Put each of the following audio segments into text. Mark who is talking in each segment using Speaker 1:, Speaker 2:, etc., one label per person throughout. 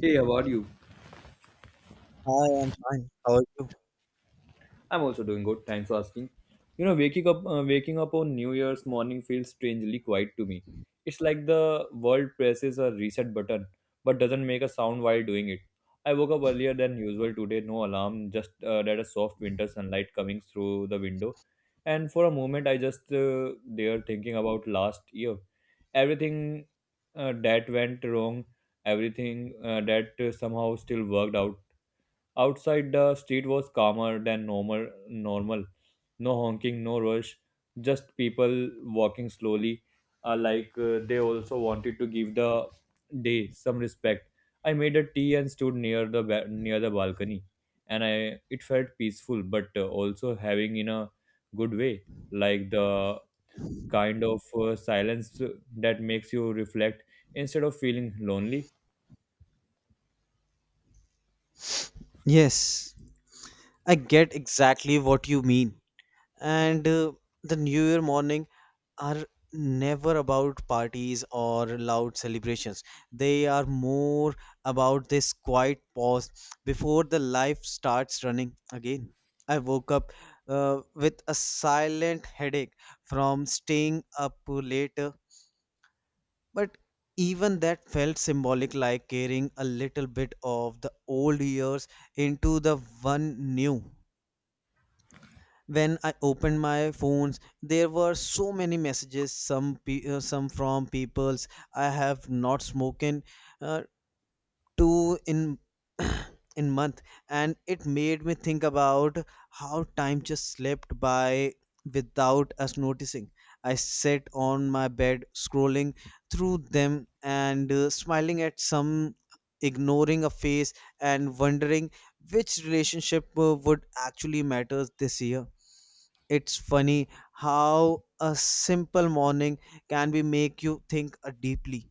Speaker 1: Hey, how are you?
Speaker 2: Hi, I'm fine. How are you?
Speaker 1: I'm also doing good. Thanks for asking. You know, waking up, waking up on New Year's morning feels strangely quiet to me. It's like the world presses a reset button, but doesn't make a sound while doing it. I woke up earlier than usual today, no alarm, just that a soft winter sunlight coming through the window. And for a moment, I just there thinking about last year, everything that went wrong, everything that somehow still worked out. Outside, the street was calmer than normal. No honking, no rush, just people walking slowly. Like they also wanted to give the day some respect. I made a tea and stood near the near the balcony, and I it felt peaceful, but also having in a good way, like the kind of silence that makes you reflect instead of feeling lonely.
Speaker 2: Yes, I get exactly what you mean. And the New Year morning are never about parties or loud celebrations. They are more about this quiet pause before the life starts running again. I woke up with a silent headache from staying up later. But even that felt symbolic, like carrying a little bit of the old years into the one new. When I opened my phones, there were so many messages. Some from peoples I have not spoken uh, two in in month. And it made me think about how time just slipped by without us noticing. I sat on my bed scrolling through them and smiling at some, ignoring a face, and wondering which relationship would actually matter this year. It's funny how a simple morning can be make you think deeply.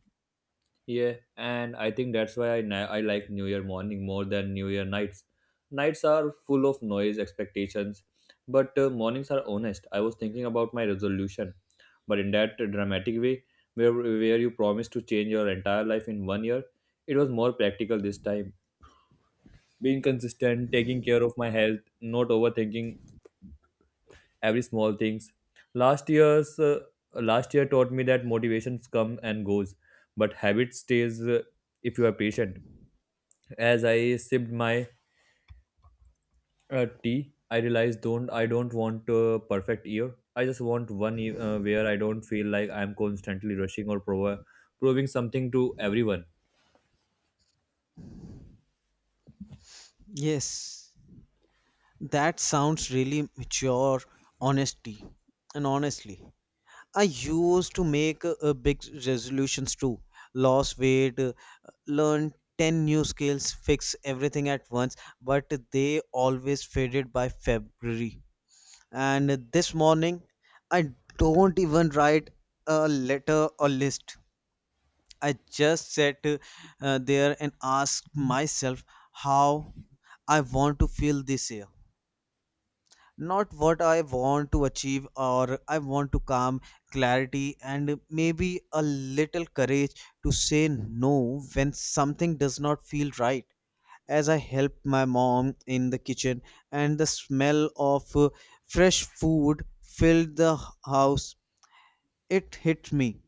Speaker 1: Yeah, and I think that's why I like New Year morning more than New Year nights. Nights are full of noise, expectations, but mornings are honest. I was thinking about my resolution, but in that dramatic way, where you promise to change your entire life in one year. It was more practical this time. Being consistent, taking care of my health, not overthinking every small things. Last year's uh, last year taught me that motivations come and goes, but habit stays if you are patient. As I sipped my tea, I realized don't I don't want a perfect year. I just want one year where I don't feel like I'm constantly rushing or proving something to everyone.
Speaker 2: Yes. That sounds really mature, honesty. And honestly, I used to make big resolutions too. Lose weight, learn 10 new skills, fix everything at once, but they always faded by February. And this morning, I don't even write a letter or list. I just sat there and asked myself how I want to feel this year, not what I want to achieve, or I want to calm, clarity, and maybe a little courage to say no when something does not feel right. As I helped my mom in the kitchen, and the smell of fresh food filled the house, it hit me.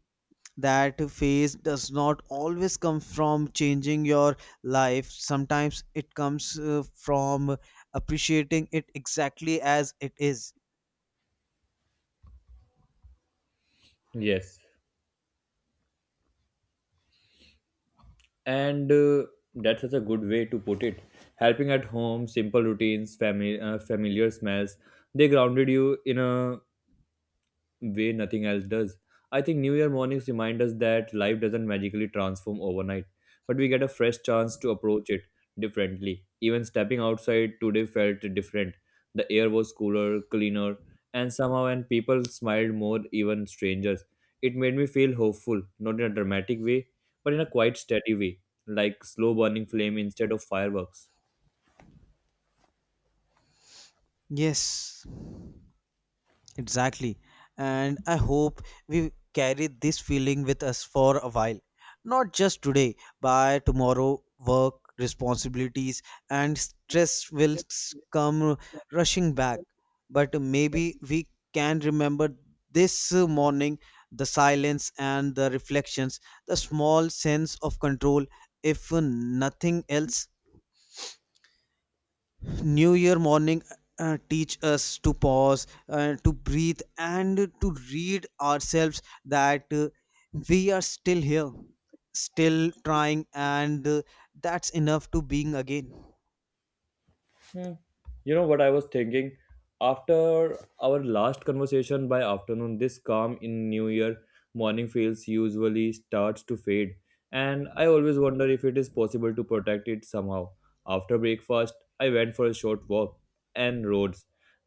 Speaker 2: That phase does not always come from changing your life. Sometimes it comes from appreciating it exactly as it is.
Speaker 1: Yes, and that's such a good way to put it. Helping at home, simple routines, family, familiar smells. They grounded you in a way nothing else does. I think New Year mornings remind us that life doesn't magically transform overnight, but we get a fresh chance to approach it differently. Even stepping outside today felt different. The air was cooler, cleaner, and somehow and people smiled more, even strangers. It made me feel hopeful, not in a dramatic way, but in a quite steady way, like slow burning flame instead of fireworks.
Speaker 2: Yes, exactly. And I hope we carry this feeling with us for a while. Not just today, by tomorrow, work, responsibilities, and stress will come rushing back. But maybe we can remember this morning, the silence and the reflections, the small sense of control. If nothing else, New Year morning teach us to pause, to breathe, and to read ourselves that we are still here, still trying, and that's enough to being again.
Speaker 1: Hmm. You know what I was thinking? After our last conversation by afternoon, this calm in New Year morning feels usually starts to fade, and I always wonder if it is possible to protect it somehow. After breakfast, I went for a short walk and rode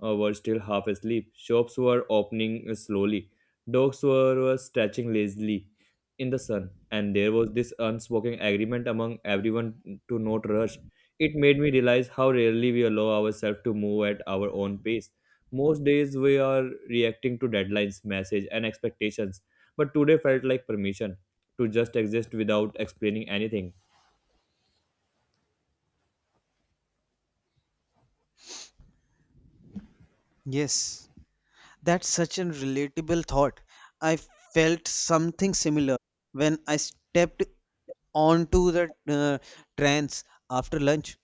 Speaker 1: were still half asleep. Shops were opening slowly. Dogs were stretching lazily in the sun, and there was this unspoken agreement among everyone to not rush. It made me realize how rarely we allow ourselves to move at our own pace. Most days we are reacting to deadlines, messages, and expectations, but today felt like permission to just exist without explaining anything.
Speaker 2: Yes, that's such an relatable thought. I felt something similar when I stepped onto the trains after lunch.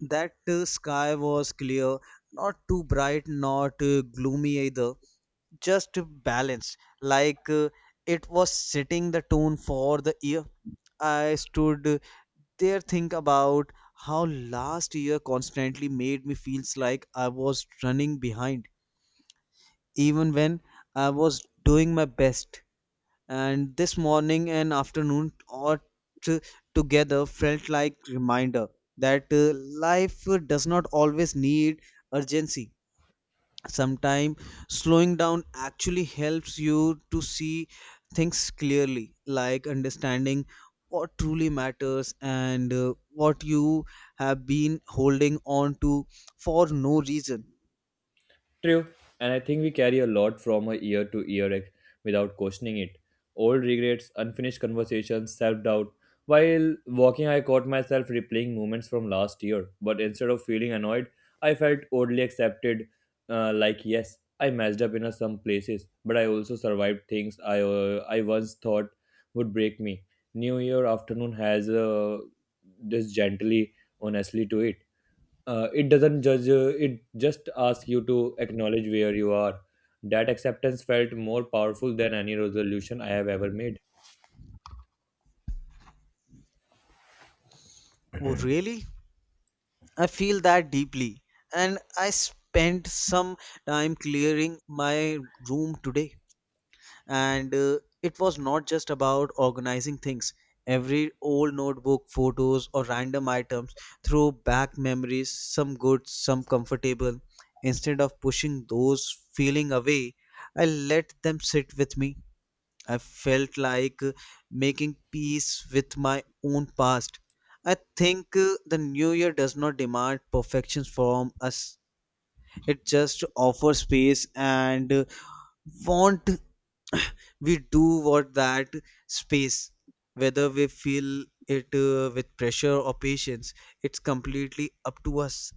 Speaker 2: That sky was clear, not too bright, not gloomy either, just balanced, like it was setting the tone for the year. I stood there think about how last year constantly made me feels like I was running behind even when I was doing my best. And this morning and afternoon all t- together felt like reminder that life does not always need urgency. Sometimes slowing down actually helps you to see things clearly, like understanding what truly matters and what you have been holding on to for no reason.
Speaker 1: True, and I think we carry a lot from a year to without questioning it. Old regrets, unfinished conversations, self doubt. While walking, I caught myself replaying moments from last year, but instead of feeling annoyed, I felt oddly accepted. Like, yes, I messed up in a some places, but I also survived things I once thought would break me. New Year afternoon has this gently, honestly to it. It doesn't judge. It just asks you to acknowledge where you are. That acceptance felt more powerful than any resolution I have ever made.
Speaker 2: Oh really, I feel that deeply. And I spent some time clearing my room today, and it was not just about organizing things. Every old notebook, photos, or random items threw back memories, some good, some comfortable. Instead of pushing those feeling away, I let them sit with me. I felt like making peace with my own past. I think the new year does not demand perfection from us. It just offers space, and want we do what that space, whether we feel it with pressure or patience, it's completely up to us.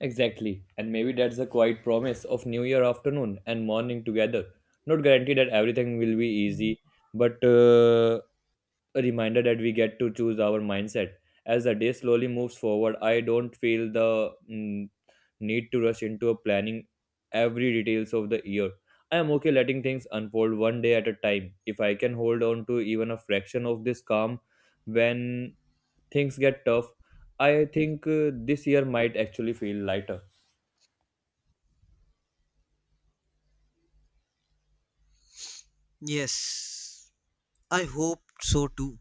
Speaker 1: Exactly, and maybe that's the quiet promise of new year afternoon and morning together. Not guaranteed that everything will be easy, but a reminder that we get to choose our mindset. As the day slowly moves forward, I don't feel the need to rush into a planning every details of the year. I am okay letting things unfold one day at a time. If I can hold on to even a fraction of this calm when things get tough, I think this year might actually feel lighter.
Speaker 2: Yes, I hope so too.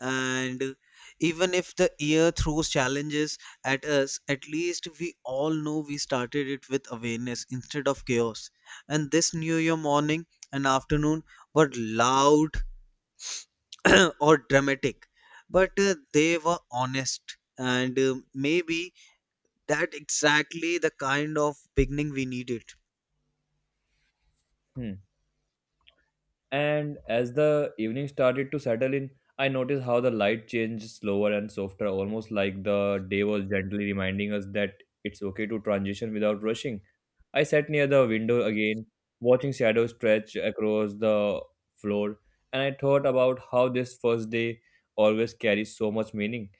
Speaker 2: And even if the year throws challenges at us, at least we all know we started it with awareness instead of chaos. And this new year morning and afternoon were loud or dramatic, but they were honest, and maybe that exactly the kind of beginning we needed.
Speaker 1: Hmm. And as the evening started to settle in, I noticed how the light changed slower and softer, almost like the day was gently reminding us that it's okay to transition without rushing. I sat near the window again, watching shadows stretch across the floor, and I thought about how this first day always carries so much meaning.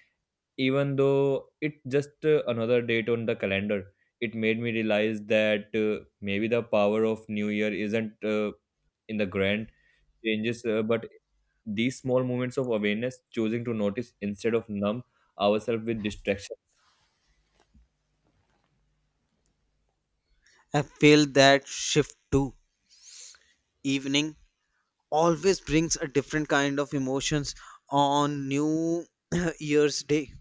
Speaker 1: Even though it's just another date on the calendar, it made me realize that maybe the power of New Year isn't in the grand changes, but these small moments of awareness, choosing to notice instead of numb ourselves with distraction.
Speaker 2: I feel that shift too. Evening always brings a different kind of emotions on New Year's Day.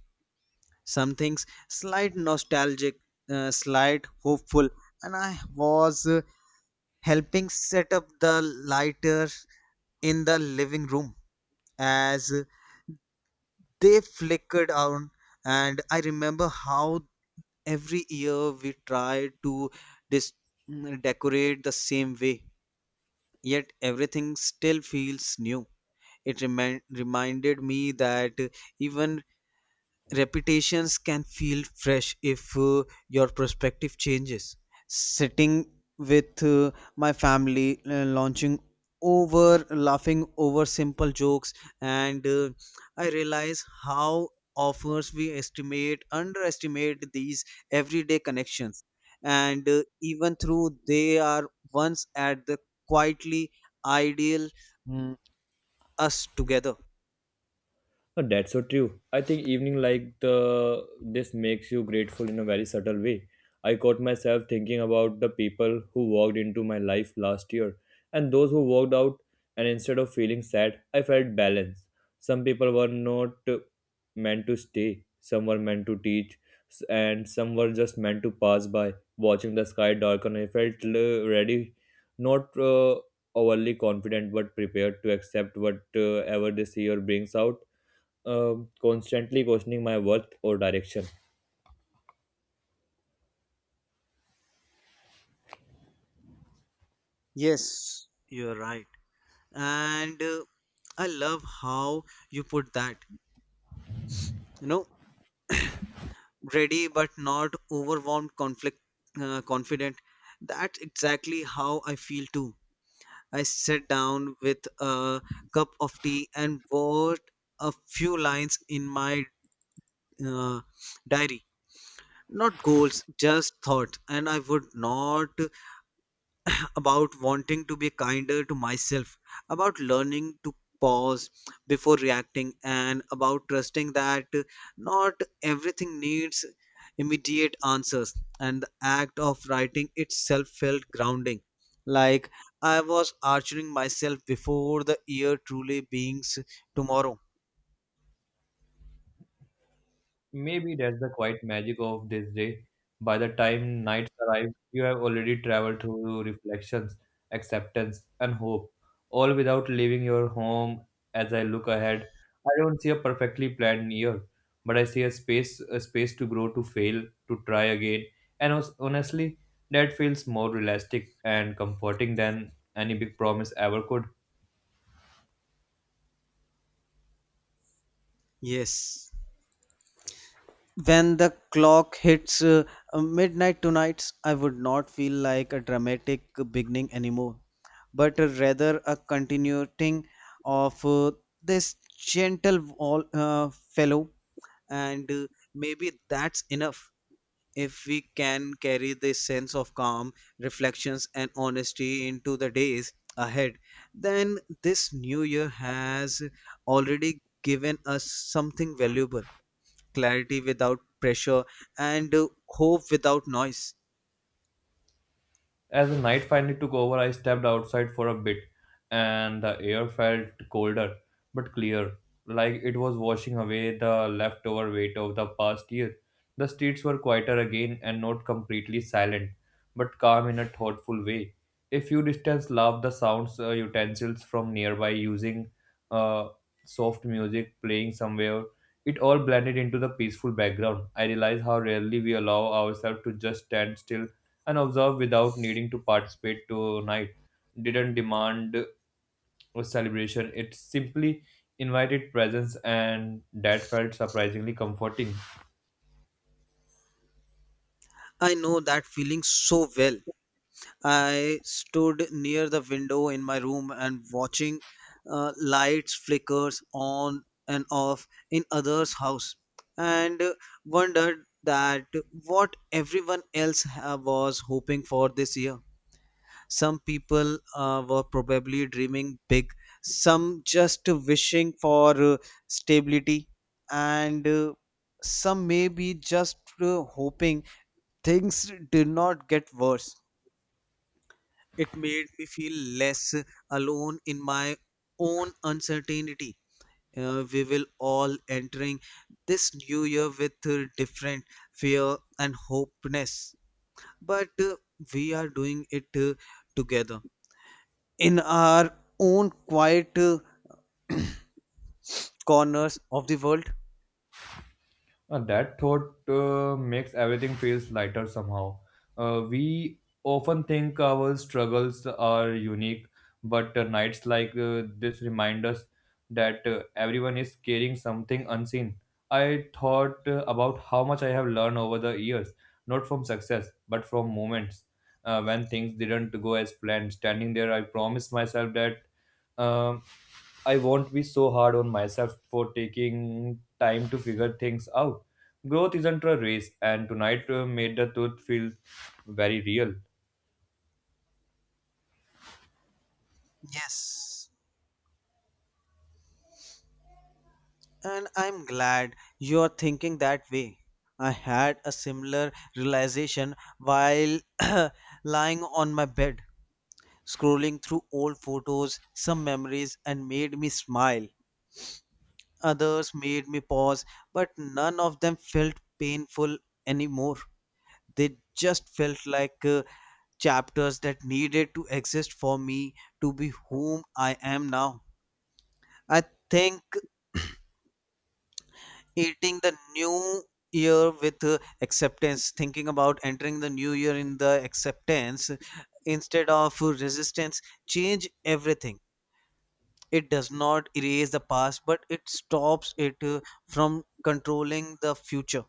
Speaker 2: Some things slight nostalgic, slight hopeful, and I was helping set up the lighter in the living room as they flickered on, and I remember how every year we try to dis- decorate the same way, yet everything still feels new. It reminded me that even repetitions can feel fresh if your perspective changes. Sitting with my family, launching over, laughing over simple jokes, and I realize how offers we estimate underestimate these everyday connections, and even through they are once at the quietly ideal, mm, us together.
Speaker 1: Oh, that's so true. I think evening like the this makes you grateful in a very subtle way. I caught myself thinking about the people who walked into my life last year and those who walked out, and instead of feeling sad, I felt balanced. Some people were not meant to stay, some were meant to and some were just meant to pass by. Watching the sky darken, I felt ready, not overly confident but prepared to accept whatever this year brings out, constantly questioning my worth or direction.
Speaker 2: Yes, you're right. And I love how you put that. You know, ready but not overwhelmed, confident. That's exactly how I feel too. I sat down with a cup of tea and wrote a few lines in my uh, diary. Not goals, just thought. And I would not about wanting to be kinder to myself, about learning to pause before reacting, and about trusting that not everything needs immediate answers. And the act of writing itself felt grounding, like I was archering myself before the year truly beings tomorrow.
Speaker 1: Maybe that's the quiet magic of this day. By the time nights arrive, you have already traveled through reflections, acceptance, and hope, all without leaving your home. As I look ahead, I don't see a perfectly planned year, but I see a space to grow, to fail, to try again. And honestly, that feels more realistic and comforting than any big promise ever could.
Speaker 2: Yes. When the clock hits midnight tonight, I would not feel like a dramatic beginning anymore, but rather a continuing of this gentle all, fellow. And maybe that's enough. If we can carry this sense of calm, reflections, and honesty into the days ahead, then this new year has already given us something valuable: clarity without pressure, and hope without noise.
Speaker 1: As the night finally took over, I stepped outside for a bit, and the air felt colder but clear, like it was washing away the leftover weight of the past year. The streets were quieter again and not completely silent, but calm in a thoughtful way. A few distance laughed the sounds utensils from nearby using uh, soft music playing somewhere. It all blended into the peaceful background. I realized how rarely we allow ourselves to just stand still and observed without needing to participate. Tonight didn't demand a celebration. It simply invited presence, and that felt surprisingly comforting.
Speaker 2: I know that feeling so well. I stood near the window in my room and watching lights flickers on and off in others' house, and wondered that what everyone else was hoping for this year. Some people were probably dreaming big, some just wishing for stability, and some may be just hoping things did not get worse. It made me feel less alone in my own uncertainty. We will all entering this new year with different fear and hopeness, but we are doing it together in our own quiet corners of the world.
Speaker 1: That thought makes everything feels lighter somehow. We often think our struggles are unique, but nights like this remind us that everyone is carrying something unseen. I thought about how much I have learned over the years, not from success, but from moments when things didn't go as planned. Standing there, I promised myself that um, I won't be so hard on myself for taking time to figure things out. Growth isn't a race, and tonight made the truth feel very real.
Speaker 2: Yes. And I'm glad you're thinking that way. I had a similar realization while lying on my bed, scrolling through old photos, some memories, and made me smile. Others made me pause, but none of them felt painful anymore. They just felt like chapters that needed to exist for me to be whom I am now. I think eating the new year with acceptance, thinking about entering the new year in the acceptance instead of resistance, change everything. It does not erase the past, but it stops it from controlling the future.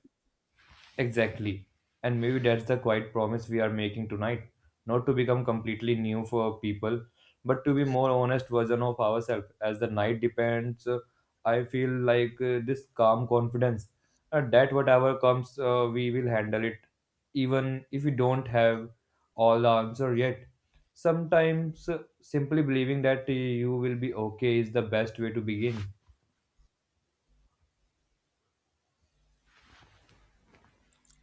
Speaker 1: Exactly. And maybe that's the quiet promise we are making tonight. Not to become completely new for people, but to be more honest version of ourselves. As the night depends, I feel like this calm confidence that whatever comes, we will handle it, even if we don't have all the answer yet. Sometimes simply believing that you will be okay is the best way to begin.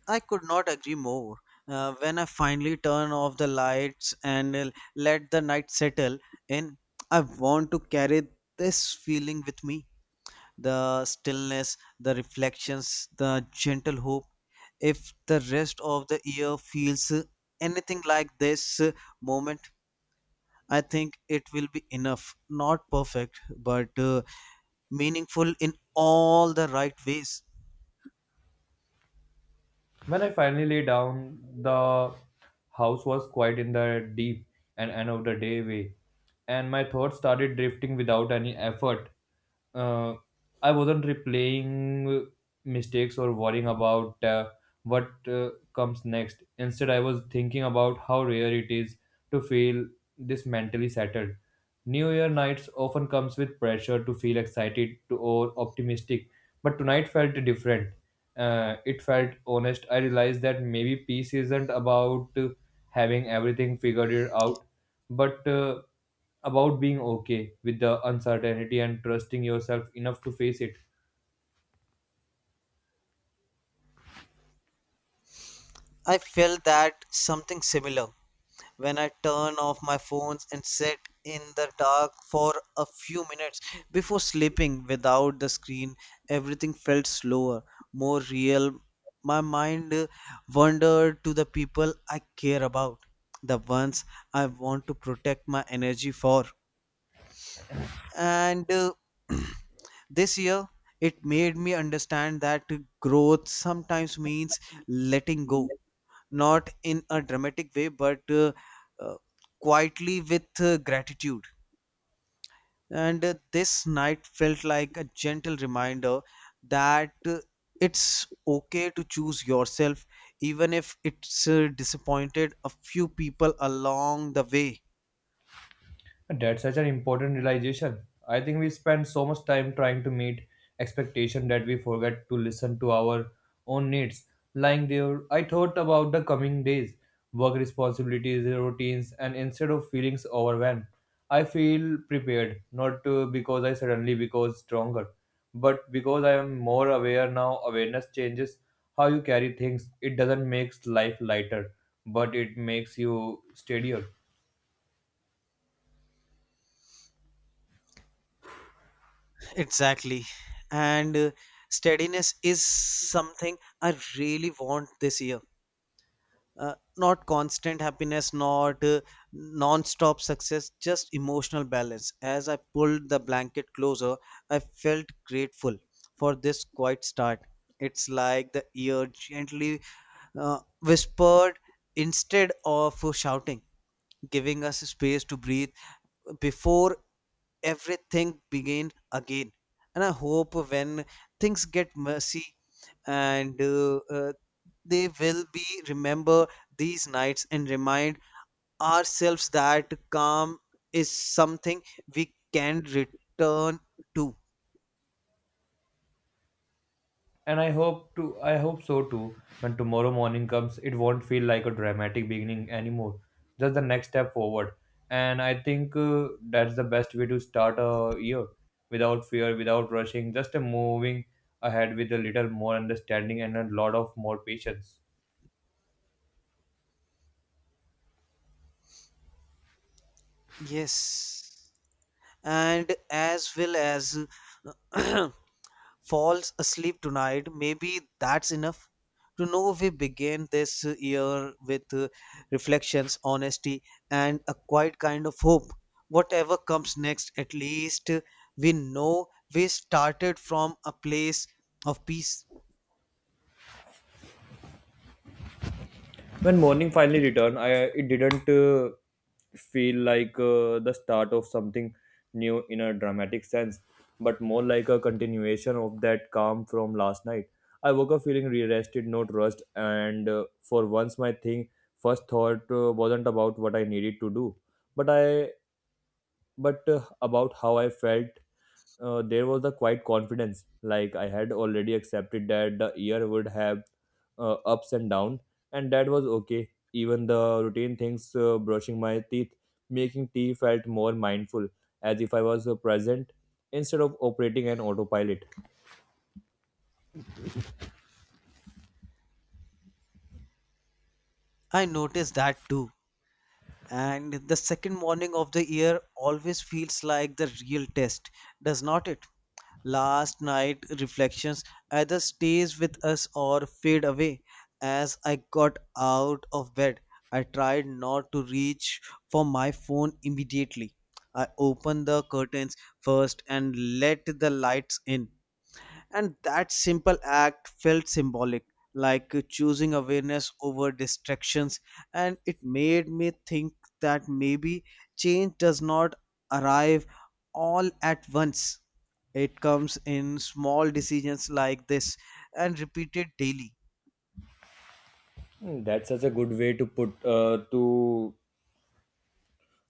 Speaker 2: I could not agree more. When I finally turn off the lights and let the night settle in, I want to carry this feeling with me: the stillness, the reflections, the gentle hope. If the rest of the year feels anything like this moment, I think it will be enough. Not perfect, but meaningful in all the right ways.
Speaker 1: When I finally lay down, the house was quiet in the deep and end of the day way, and my thoughts started drifting without any effort. Uh, I wasn't replaying mistakes or worrying about what comes next. Instead, I was thinking about how rare it is to feel this mentally settled. New Year nights often comes with pressure to feel excited to, or optimistic, but tonight felt different. It felt honest. I realized that maybe peace isn't about having everything figured it out, but about being okay with the uncertainty and trusting yourself enough to face it.
Speaker 2: I felt that something similar when I turn off my phones and sit in the dark for a few minutes before sleeping. Without the screen, everything felt slower, more real. My mind wandered to the people I care about, the ones I want to protect my energy for. And this year, it made me understand that growth sometimes means letting go, not in a dramatic way, but uh, quietly with gratitude. And this night felt like a gentle reminder that it's okay to choose yourself, even if it's disappointed a few people along the way.
Speaker 1: And that's such an important realization. I think we spend so much time trying to meet expectation that we forget to listen to our own needs. Lying there, I thought about the coming days, work responsibilities, routines, and instead of feelings overwhelmed, I feel prepared, not because I suddenly become stronger, but because I am more aware now. Awareness changes how you carry things. It doesn't make life lighter, but it makes you steadier.
Speaker 2: Exactly. And steadiness is something I really want this year. Not constant happiness, not non-stop success, just emotional balance. As I pulled the blanket closer, I felt grateful for this quiet start. It's like the ear gently whispered instead of shouting, giving us space to breathe before everything began again. And I hope when things get messy, and they will be, remember these nights and remind ourselves that calm is something we can return to.
Speaker 1: And I hope so too. When tomorrow morning comes, it won't feel like a dramatic beginning anymore, just the next step forward. And I think that's the best way to start a year, without fear, without rushing, just moving ahead with a little more understanding and a lot of more patience.
Speaker 2: Yes. And as well as falls asleep tonight, maybe that's enough. To know we begin this year with reflections, honesty, and a quiet kind of hope. Whatever comes next, at least we know we started from a place of peace.
Speaker 1: When morning finally returned, I it didn't feel like the start of something new in a dramatic sense, but more like a continuation of that calm from last night. I woke up feeling re-rested, not rushed, and for once my thing first thought wasn't about what I needed to do, but I but about how I felt. There was a quiet confidence, like I had already accepted that the year would have ups and downs, and that was okay. Even the routine things, brushing my teeth, making tea, felt more mindful, as if I was present instead of operating an autopilot.
Speaker 2: I noticed that too. And the second morning of the year always feels like the real test, does not it? Last night reflections either stays with us or fade away. As I got out of bed, I tried not to reach for my phone immediately. I opened the curtains first and let the lights in. And that simple act felt symbolic, like choosing awareness over distractions. And it made me think that maybe change does not arrive all at once. It comes in small decisions like this and repeated daily.
Speaker 1: Hmm, that's such a good way to put to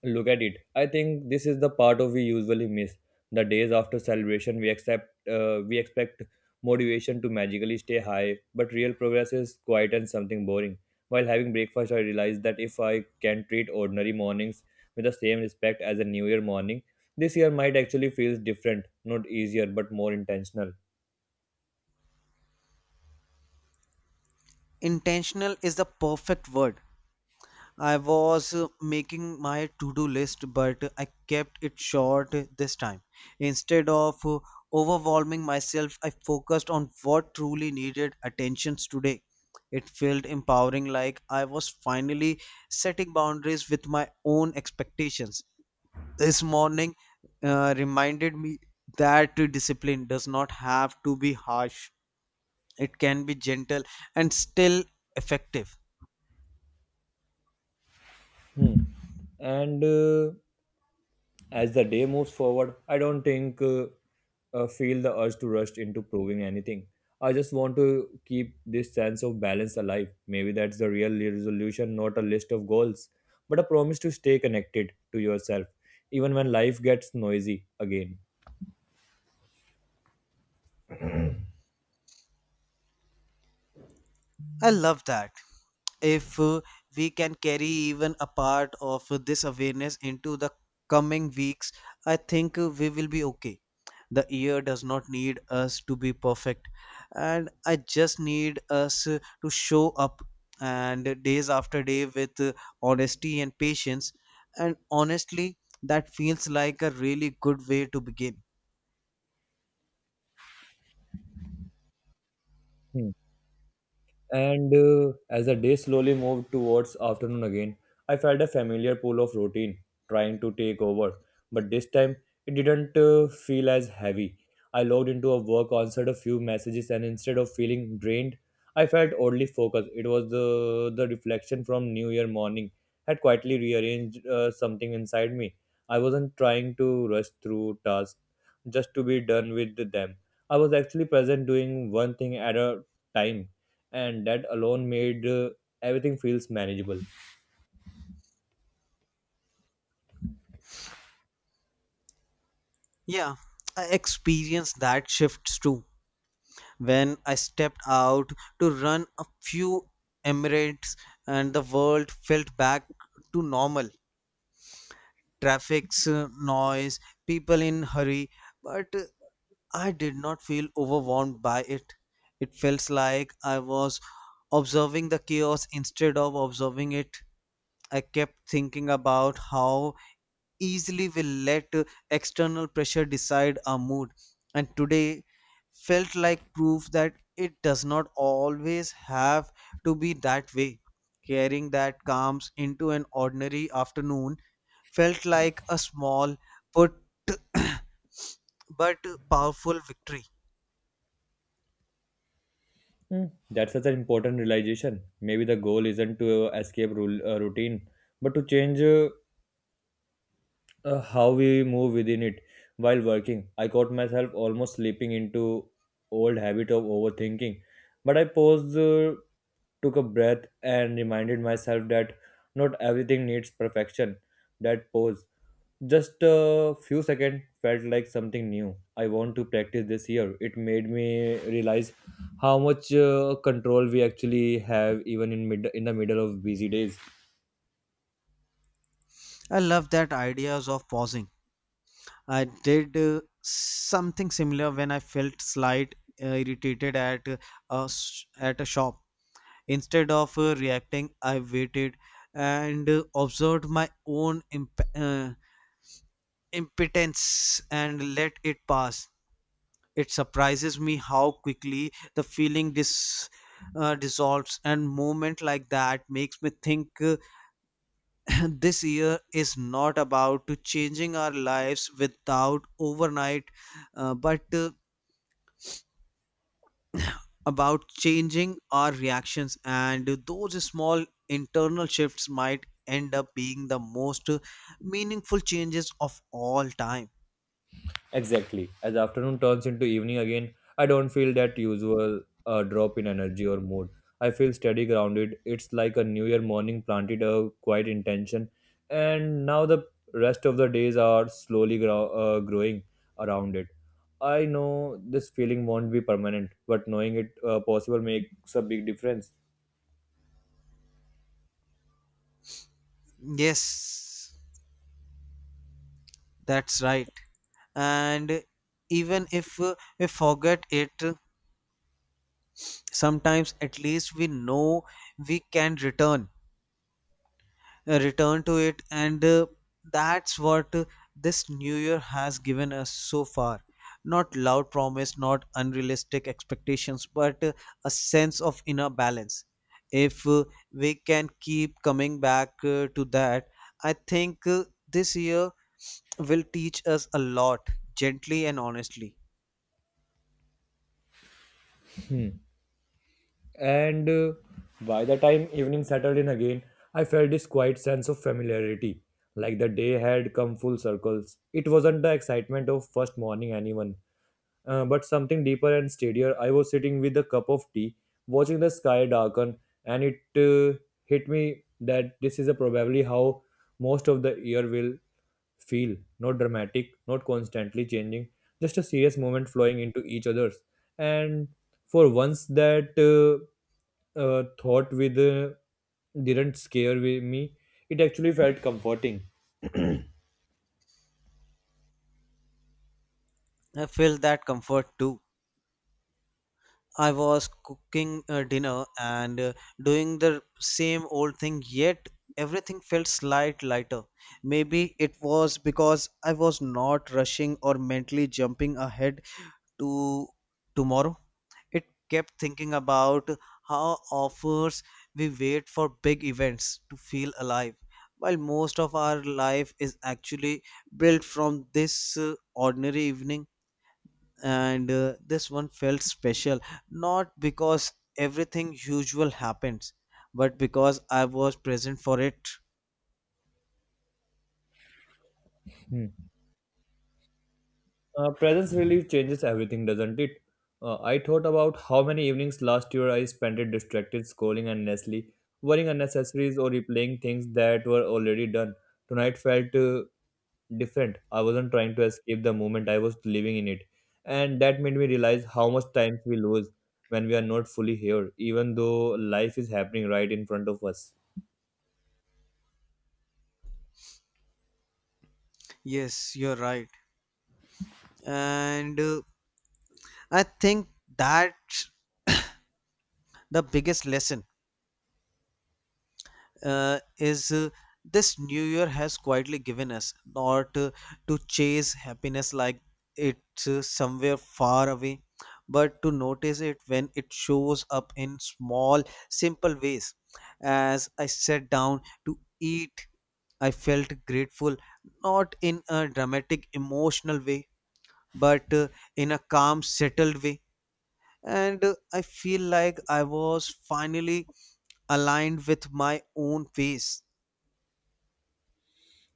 Speaker 1: look at it. I think this is the part of we usually miss. The days after celebration, we expect motivation to magically stay high, but real progress is quiet and something boring. While having breakfast, I realized that if I can treat ordinary mornings with the same respect as a New Year morning, this year might actually feels different, not easier, but more intentional.
Speaker 2: Intentional is the perfect word. I was making my to do list, but I kept it short this time. Instead of overwhelming myself, I focused on what truly needed attention today. It felt empowering, like I was finally setting boundaries with my own expectations. This morning reminded me that discipline does not have to be harsh, it can be gentle and still effective.
Speaker 1: Hmm. And As the day moves forward, I don't think feel the urge to rush into proving anything. I just want to keep this sense of balance alive. Maybe that's the real resolution, not a list of goals, but a promise to stay connected to yourself, even when life gets noisy again.
Speaker 2: I love that. If we can carry even a part of this awareness into the coming weeks, I think we will be okay. The year does not need us to be perfect, and I just need us to show up and days after day with honesty and patience. And honestly, that feels like a really good way to begin.
Speaker 1: Hmm. And As the day slowly moved towards afternoon again, I felt a familiar pull of routine trying to take over. But this time, it didn't feel as heavy. I logged into a work, answered a few messages, and instead of feeling drained, I felt oddly focused. It was the reflection from New Year morning had quietly rearranged something inside me. I wasn't trying to rush through tasks just to be done with them. I was actually present, doing one thing at a time, and that alone made everything feels manageable.
Speaker 2: Yeah, I experienced that shift too when I stepped out to run a few Emirates and the world felt back to normal. Traffic's noise, people in hurry, but I did not feel overwhelmed by it. It felt like I was observing the chaos instead of observing it. I kept thinking about how easily we let external pressure decide our mood. And today felt like proof that it does not always have to be that way. Caring that comes into an ordinary afternoon felt like a small but but powerful victory.
Speaker 1: Hmm, that's such an important realization. Maybe the goal isn't to escape routine, but to change how we move within it. While working, I caught myself almost slipping into old habit of overthinking, but I paused, took a breath, and reminded myself that not everything needs perfection. That pause, just a few seconds, felt like something new I want to practice this year. It made me realize how much control we actually have, even in mid in the middle of busy days.
Speaker 2: I love that ideas of pausing. I did something similar when I felt slight irritated at at a shop. Instead of reacting, I waited and observed my own impotence and let it pass. It surprises me how quickly the feeling dissolves, and moment like that makes me think this year is not about to changing our lives without overnight, but about changing our reactions, and those small internal shifts might end up being the most meaningful changes of all time.
Speaker 1: Exactly. As afternoon turns into evening again, I don't feel that usual drop in energy or mood. I feel steady, grounded. It's like a New Year morning planted a quiet intention, and now the rest of the days are slowly growing around it. I know this feeling won't be permanent, but knowing it possible makes a big difference.
Speaker 2: Yes, that's right. And even if we forget it sometimes, at least we know we can return to it, and that's what this new year has given us so far, not loud promise, not unrealistic expectations, but a sense of inner balance. If we can keep coming back to that, I think this year will teach us a lot, gently and honestly.
Speaker 1: and By the time evening settled in again, I felt this quiet sense of familiarity, like the day had come full circles. It wasn't the excitement of first morning anyone, but something deeper and steadier. I was sitting with a cup of tea, watching the sky darken, and it hit me that this is probably how most of the year will feel, not dramatic, not constantly changing, just a serious moment flowing into each other's. And for once, that thought with didn't me. It actually felt comforting.
Speaker 2: I felt that comfort too. I was cooking dinner and doing the same old thing, yet everything felt slight lighter. Maybe it was because I was not rushing or mentally jumping ahead to tomorrow. It kept thinking about how offers we wait for big events to feel alive, while most of our life is actually built from this ordinary evening, and this one felt special, not because everything usual happens, but because I was present for it.
Speaker 1: Hmm. Presence really changes everything, doesn't it? I thought about how many evenings last year I spent it distracted, scrolling endlessly, worrying unnecessaries, or replaying things that were already done. Tonight felt different. I wasn't trying to escape the moment, I was living in it. And that made me realize how much time we lose when we are not fully here, even though life is happening right in front of us.
Speaker 2: Yes, you're right. And I think that the biggest lesson is this new year has quietly given us, not to chase happiness like it's somewhere far away, but to notice it when it shows up in small simple ways. As I sat down to eat, I felt grateful, not in a dramatic emotional way, but in a calm settled way. And I feel like I was finally aligned with my own pace.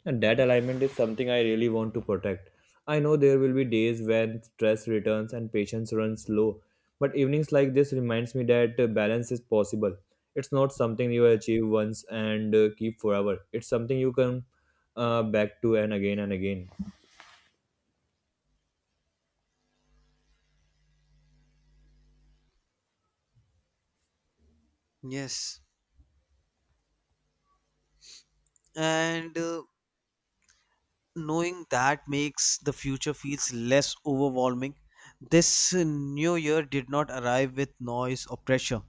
Speaker 1: And that alignment is something I really want to protect. I know there will be days when stress returns and patience runs low, but evenings like this reminds me that balance is possible. It's not something you achieve once and keep forever. It's something you come back to, and again and again.
Speaker 2: Yes, and knowing that makes the future feels less overwhelming. This new year did not arrive with noise or pressure,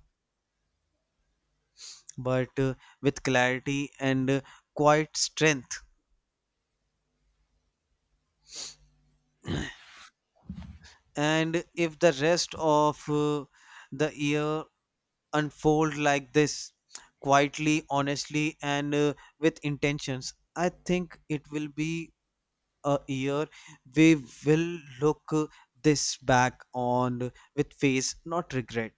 Speaker 2: but with clarity and quiet strength. And if the rest of the year unfold like this, quietly, honestly, and with intentions, I think it will be a year we will look this back on with face, not regret.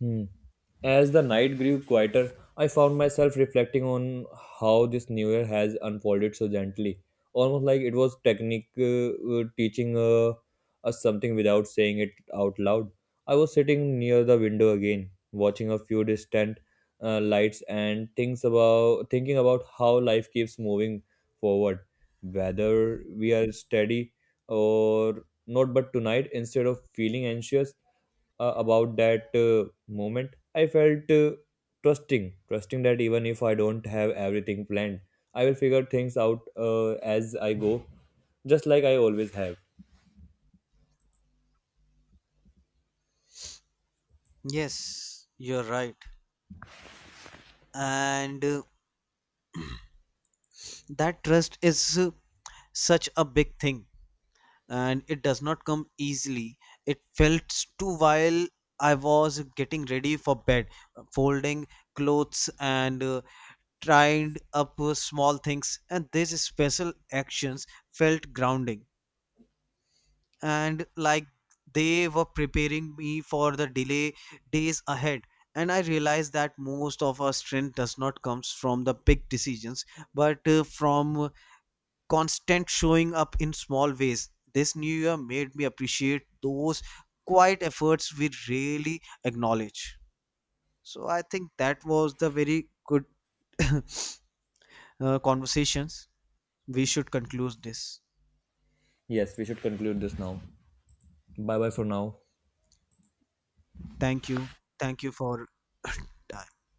Speaker 1: Hmm. As the night grew quieter, I found myself reflecting on how this new year has unfolded so gently, almost like it was technique teaching us something without saying it out loud. I was sitting near the window again, watching a few distant lights and things about thinking about how life keeps moving forward, whether we are steady or not. But tonight, instead of feeling anxious about that moment, I felt trusting that even if I don't have everything planned, I will figure things out as I go, just like I always have.
Speaker 2: Yes, you're right. And that trust is such a big thing, and it does not come easily. It felt too while I was getting ready for bed, folding clothes and trying up small things, and these special actions felt grounding and like they were preparing me for the delay days ahead. And I realized that most of our strength does not comes from the big decisions, but from constant showing up in small ways. This new year made me appreciate those quiet efforts we really acknowledge. So I think that was the very good conversations. We should conclude this.
Speaker 1: Yes, we should conclude this now. Bye bye for now.
Speaker 2: Thank you. Thank you for time.